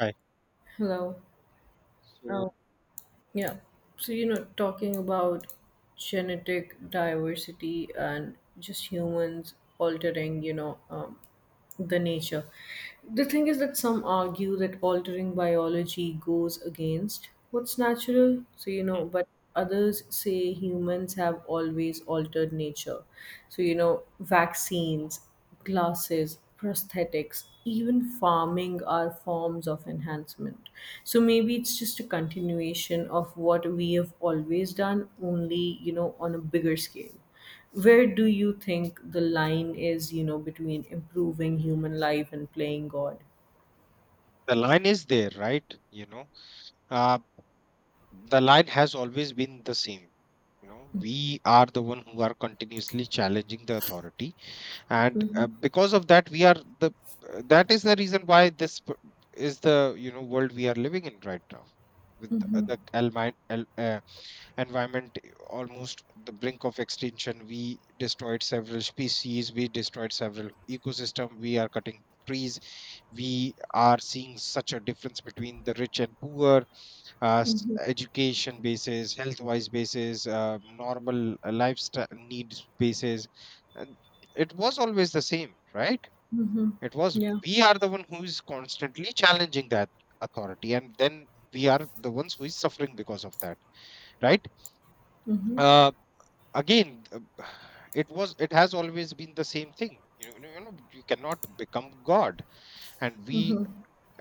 Right. Hello. So Oh, yeah. So, talking about genetic diversity and just humans altering, the nature. The thing is that some argue that altering biology goes against what's natural, so but others say humans have always altered nature. So, vaccines, glasses, prosthetics, even farming are forms of enhancement. So maybe it's just a continuation of what we have always done, only, on a bigger scale. Where do you think the line is, between improving human life and playing God? the line is there, right? You know, uh, the line has always been the same. You know, we are the one who are continuously challenging the authority, and because of that, we are the. That is the reason why is the, you know, world we are living in right now, with the environment, almost the brink of extinction. We destroyed several species, we destroyed several ecosystem, we are cutting trees, we are seeing such a difference between the rich and poor. Education basis, health wise basis, normal lifestyle needs basis. And it was always the same, right? It was, Yeah, we are the one who is constantly challenging that authority, and then we are the ones who is suffering because of that, right? Uh, Again, it was, it has always been the same thing. You know, you know you cannot become god, and we,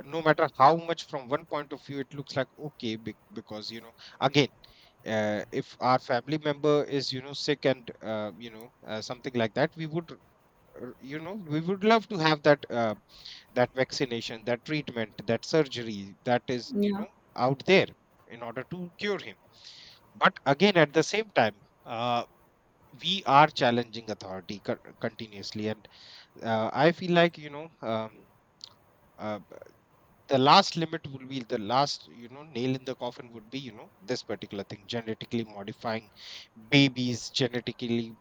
no matter how much from one point of view it looks like okay, because, you know, again, if our family member is, you know, sick and, you know, something like that, we would, you know, we would love to have that, that vaccination, that treatment, that surgery that is, you yeah. know, out there in order to cure him. But again, at the same time, uh, we are challenging authority continuously. And I feel like, you know, uh, b- the last limit will be the last, you know, nail in the coffin would be, you know, this particular thing, genetically modifying babies, genetically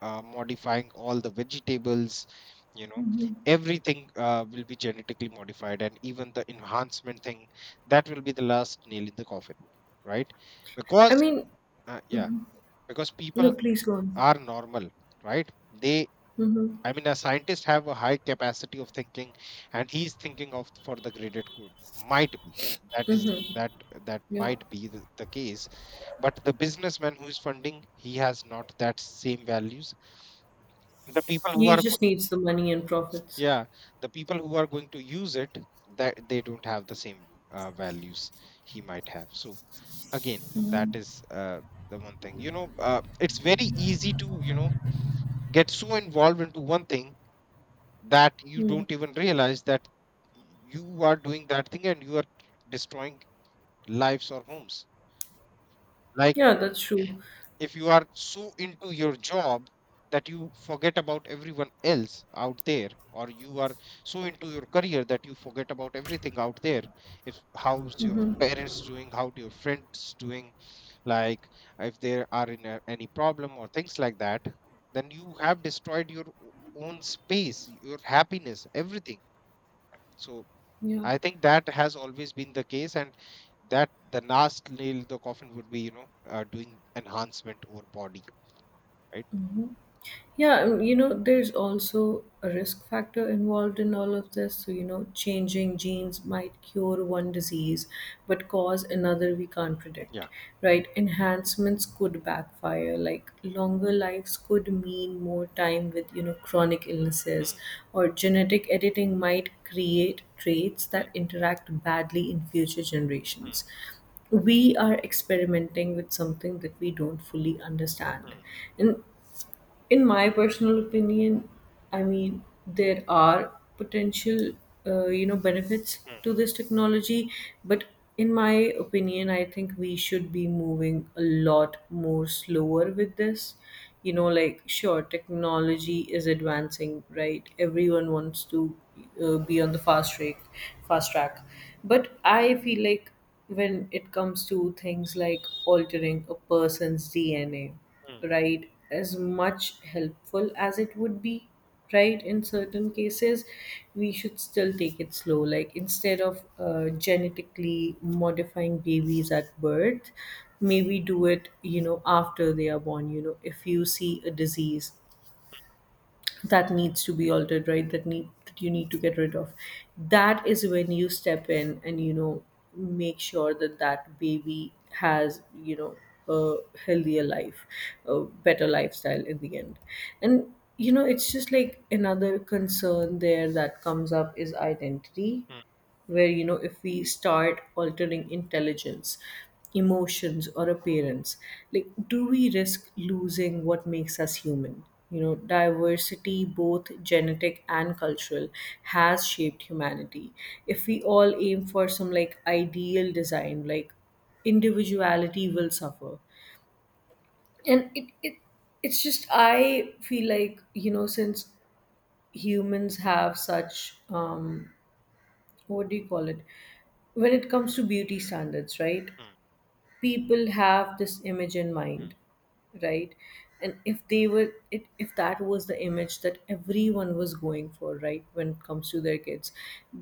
modifying all the vegetables, you know, everything will be genetically modified. And even the enhancement thing, that will be the last nail in the coffin, right? I Because mean, yeah, because people no, please go on. are normal, right? They, Hmm. I mean, a scientist have a high capacity of thinking, and he's thinking of for the graded good. Might be that is that, that Yeah. might be the case, but the businessman who is funding, he has not that same values. The people who He are just needs the money and profits. yeah, the people who are going to use it, that they don't have the same values he might have. So again, that is the one thing. You know, it's very easy to, you know, get so involved into one thing that you Hmm. don't even realize that you are doing that thing, and you are destroying lives or homes. Like, Yeah, that's true. if you are so into your job that you forget about everyone else out there, or you are so into your career that you forget about everything out there, if how's your parents doing, how do your friends doing, like if there are in a, any problem or things like that, then you have destroyed your own space, your happiness, everything. So Yeah. I think that has always been the case, and that the last nail in the coffin would be, you know, doing enhancement over body, right? Yeah, there's also a risk factor involved in all of this. So, changing genes might cure one disease but cause another we can't predict, Yeah. right? Enhancements could backfire, like longer lives could mean more time with, chronic illnesses, Hmm, or genetic editing might create traits that hmm, interact badly in future hmm, generations. We are experimenting with something that we don't fully understand, hmm, and in my personal opinion, I mean, there are potential, benefits hmm, to this technology, but in my opinion, I think we should be moving a lot more slower with this. You know, like, sure, technology is advancing, right? Everyone wants to be on the fast track, but I feel like when it comes to things like altering a person's DNA, hmm, right, as much helpful as it would be, right, in certain cases, we should still take it slow, like instead of genetically modifying babies at birth, maybe do it, after they are born. You know, if you see a disease that needs to be altered, right, that you need to get rid of, that is when you step in and, make sure that that baby has, a healthier life, a better lifestyle in the end. And, it's just like another concern there that comes up is identity, hmm, where, if we start altering intelligence, emotions or appearance, like do we risk losing what makes us human? You know, diversity, both genetic and cultural, has shaped humanity. If we all aim for some like ideal design, like individuality will suffer. And it it's just, I feel like, since humans have such um, what do you call it, when it comes to beauty standards, right? hmm, People have this image in hmm, mind, right? And if that was the image that everyone was going for, right, when it comes to their kids,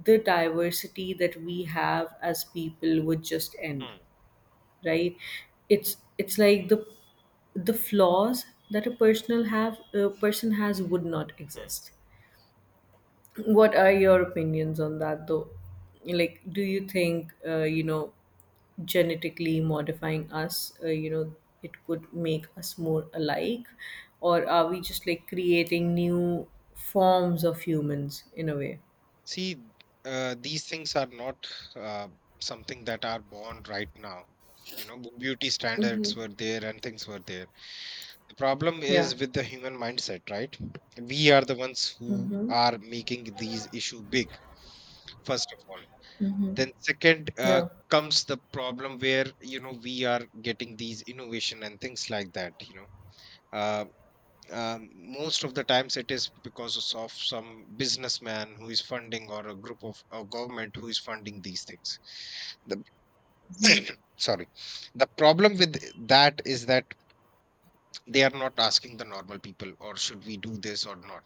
the diversity that we have as people would just end, hmm, right. It's like the flaws that a person has would not hmm. exist. What are your opinions on that though? Like do you think, genetically modifying us, it could make us more alike, or are we just like creating new forms of humans in a way? See, these things are not uh, something that are born right now. You know, beauty standards were there and things were there. The problem Yeah. is with the human mindset, right? We are the ones who Mm-hmm. are making these issue big, first of all. Then second, Yeah. comes the problem where, you know, we are getting these innovation and things like that. You know, uh, most of the times it is because of some businessman who is funding or a group of a government who is funding these things. The sorry, the problem with that is that they are not asking the normal people or should we do this or not.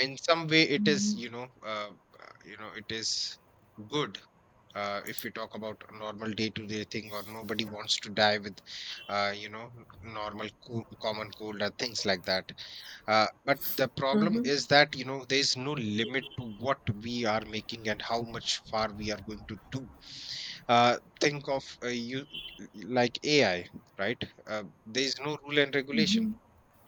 In some way, it is, you know, you know, it is good, if we talk about a normal day-to-day thing, or nobody wants to die with you know, normal common cold or things like that. But the problem Mm-hmm. is that, you know, there is no limit to what we are making and how much far we are going to do. Think of, you, like AI, right? There is no rule and regulation.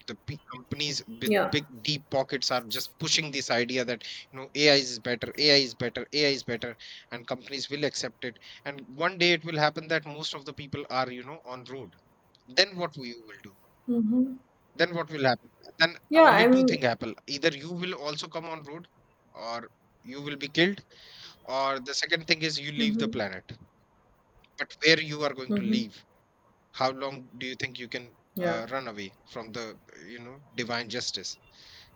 The big companies with Yeah. big deep pockets are just pushing this idea that, you know, AI is better, AI is better, ai is better, and companies will accept it. And one day it will happen that most of the people are, you know, on road. Then what we will do? Mm-hmm. Then what will happen? Then Yeah, only I two mean, things happen: either you will also come on road, or you will be killed, or the second thing is you leave the mm-hmm. planet. But where you are going to Mm-hmm. leave? How long do you think you can Yeah, run away from the, you know, divine justice?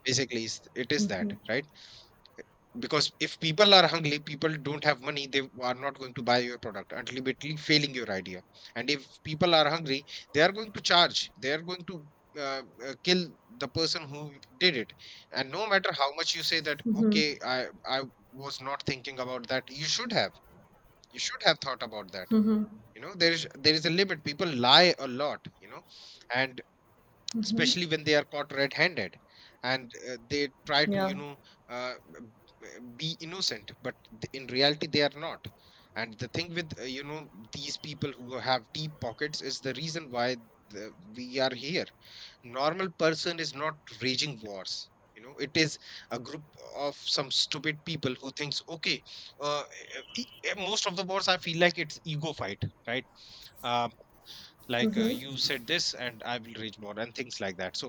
Basically, it is that, right? Because if people are hungry, people don't have money, they are not going to buy your product, ultimately failing your idea. And if people are hungry, they are going to charge, they are going to kill the person who did it. And no matter how much you say that, okay, I was not thinking about that, you should have thought about that. You know, there is a limit. People lie a lot, you know, and especially when they are caught red-handed, and they try to, yeah. you know, uh, be innocent, but in reality they are not. And the thing with, you know, these people who have deep pockets, is the reason why we are here. Normal person is not raging wars. You know, it is a group of some stupid people who thinks, okay, uh, most of the wars I feel like it's ego fight, right? uh, like, you said this and I will rage more and things like that. So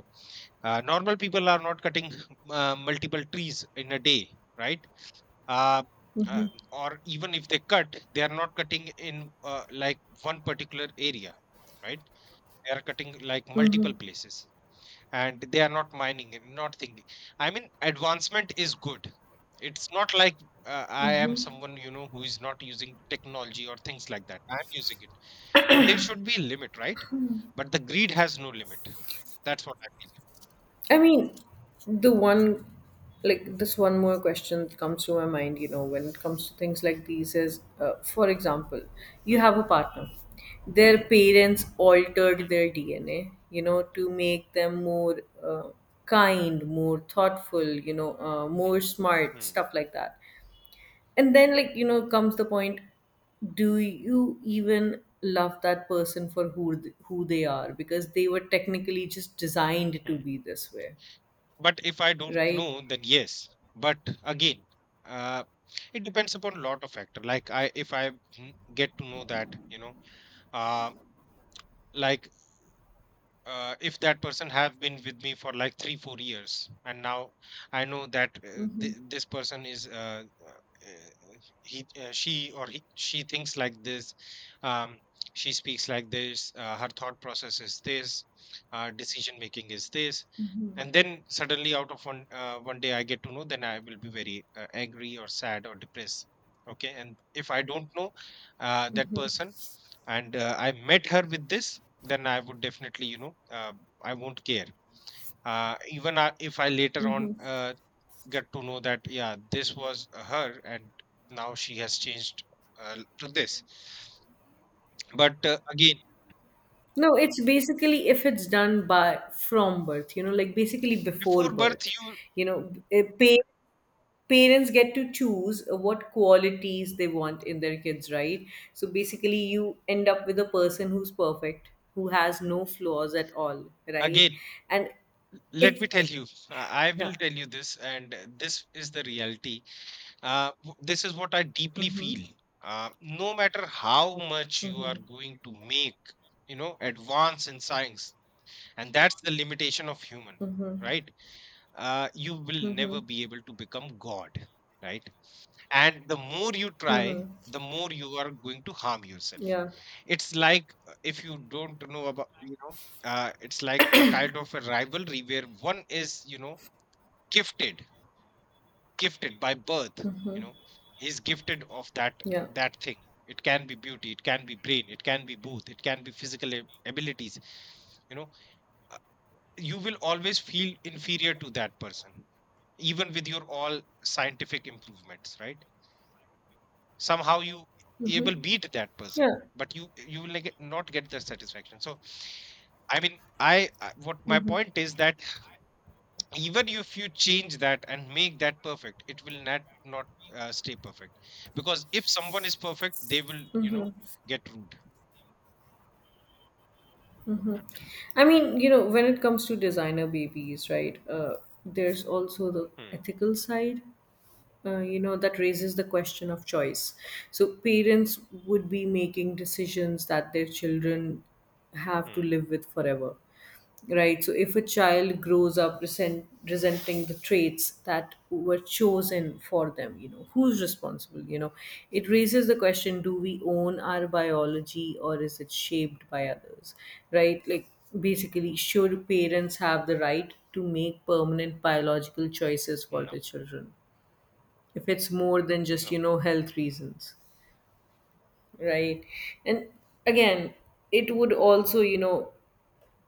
normal people are not cutting multiple trees in a day, right? uh, uh, or even if they cut, they are not cutting in, like, one particular area, right? They are cutting like multiple places. And they are not mining and not thinking. I mean, advancement is good. It's not like I am someone, you know, who is not using technology or things like that. I'm using it. But there should be a limit, right? But the greed has no limit. That's what I feel. I mean, the one, like this one more question that comes to my mind, when it comes to things like these is, for example, you Hmm, have a partner. Their parents altered hmm, their DNA, to make them more kind, more thoughtful, hmm, more smart, hmm. stuff like that. And then, like, comes the point, do you even love that person for who they are? Because they were technically just designed to Hmm. be this way, But if I don't right? know, then yes. But again, uh, it depends upon lot of factor. Like, if I get to know that, you know, uh, like, if that person have been with me for like 3-4 years, and now I know that, Hmm. This person is, he she or she thinks like this, um, she speaks like this, her thought process is this, decision making is this. And then suddenly out of one day I get to know, then I will be very, angry or sad or depressed. Okay. And if I don't know, that person, and, I met her with this, then I would definitely, you know, I won't care. Even I, if I later on, get to know that, yeah, this was her, and now she has changed, to this. But again, No, it's basically if it's done by from birth, like basically before before birth, birth, you you know, eh, pa- parents get to choose what qualities they want in their kids, right? So basically, you end up with a person who's perfect, who has no flaws at all, right? again, And let it's me tell it- you, I will yeah, tell you this, and this is the reality. This is what I deeply mm-hmm, feel. No matter how much you mm-hmm, are going to make, you know, advance in science, and that's the limitation of human, mm-hmm, right? You will mm-hmm, never be able to become god, right? And the more you try, the more you are going to harm yourself. yeah, It's like, if you don't know about, you know, it's like a kind of a rivalry where one is, you know, gifted, gifted by birth, you know, is gifted of that yeah, that thing. It can be beauty, it can be brain, it can be both, it can be physical abilities, you know. You will always feel inferior to that person, even with your all scientific improvements, right? Somehow you able beat that person, yeah. but you will, like, not get the satisfaction. So I mean, what my point is that, even if you change that and make that perfect, it will not stay perfect. Because if someone is perfect, they will, you know, get rude. I mean, when it comes to designer babies, right? There's also the Hmm, ethical side. You know that raises the question of choice. So parents would be making decisions that their children have to hmm. live with forever, right? So if a child grows up resenting the traits that were chosen for them, who's responsible? You know, it raises the question: do we own our biology, or is it shaped by others? Right? Like basically, should parents have the right to make permanent biological choices for No, their children if it's more than just, no, health reasons? Right, and again, it would also,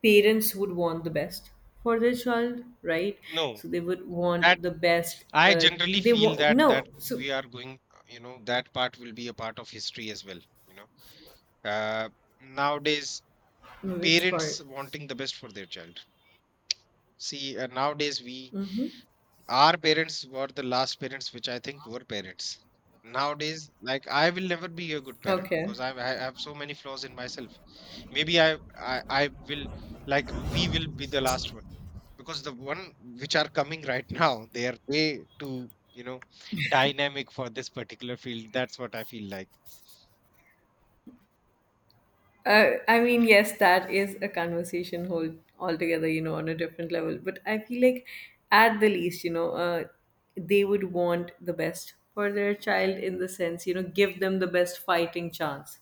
parents would want the best for their child, right? no. So they would That want the best, I generally they feel want. that No, so we are going, you know, that part will be a part of history as well. You know, uh, nowadays no, which parents part? wanting the best for their child. See, nowadays we, Hmm, our parents were the last parents which I think were parents. Nowadays, like I will never be a good parent, okay. because I have so many flaws in myself. Maybe I, I will, like, we will be the last one, because the one which are coming right now, they are way too, you know, dynamic for this particular field. That's what I feel like. I mean, yes, that is a conversation whole altogether, on a different level. But I feel like, at the least, they would want the best for their child in the sense, give them the best fighting chance,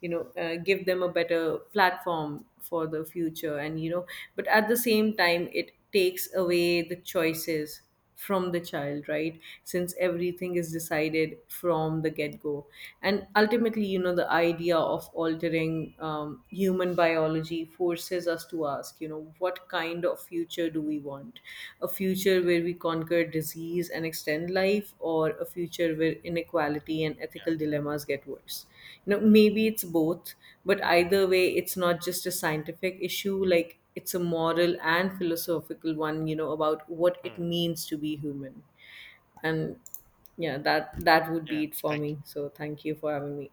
give them a better platform for the future. And, but at the same time, it takes away the choices from the child, right, since everything is decided from the get-go. And ultimately, you know, the idea of altering human biology forces us to ask, you know, what kind of future do we want? A future where we conquer disease and extend life, or a future where inequality and ethical dilemmas get worse? You know, maybe it's both, but either way it's not just a scientific issue, like it's a moral and philosophical one, you know, about what it Hmm. means to be human. And yeah, that would Yeah. be it for Thank me, you. so thank you for having me.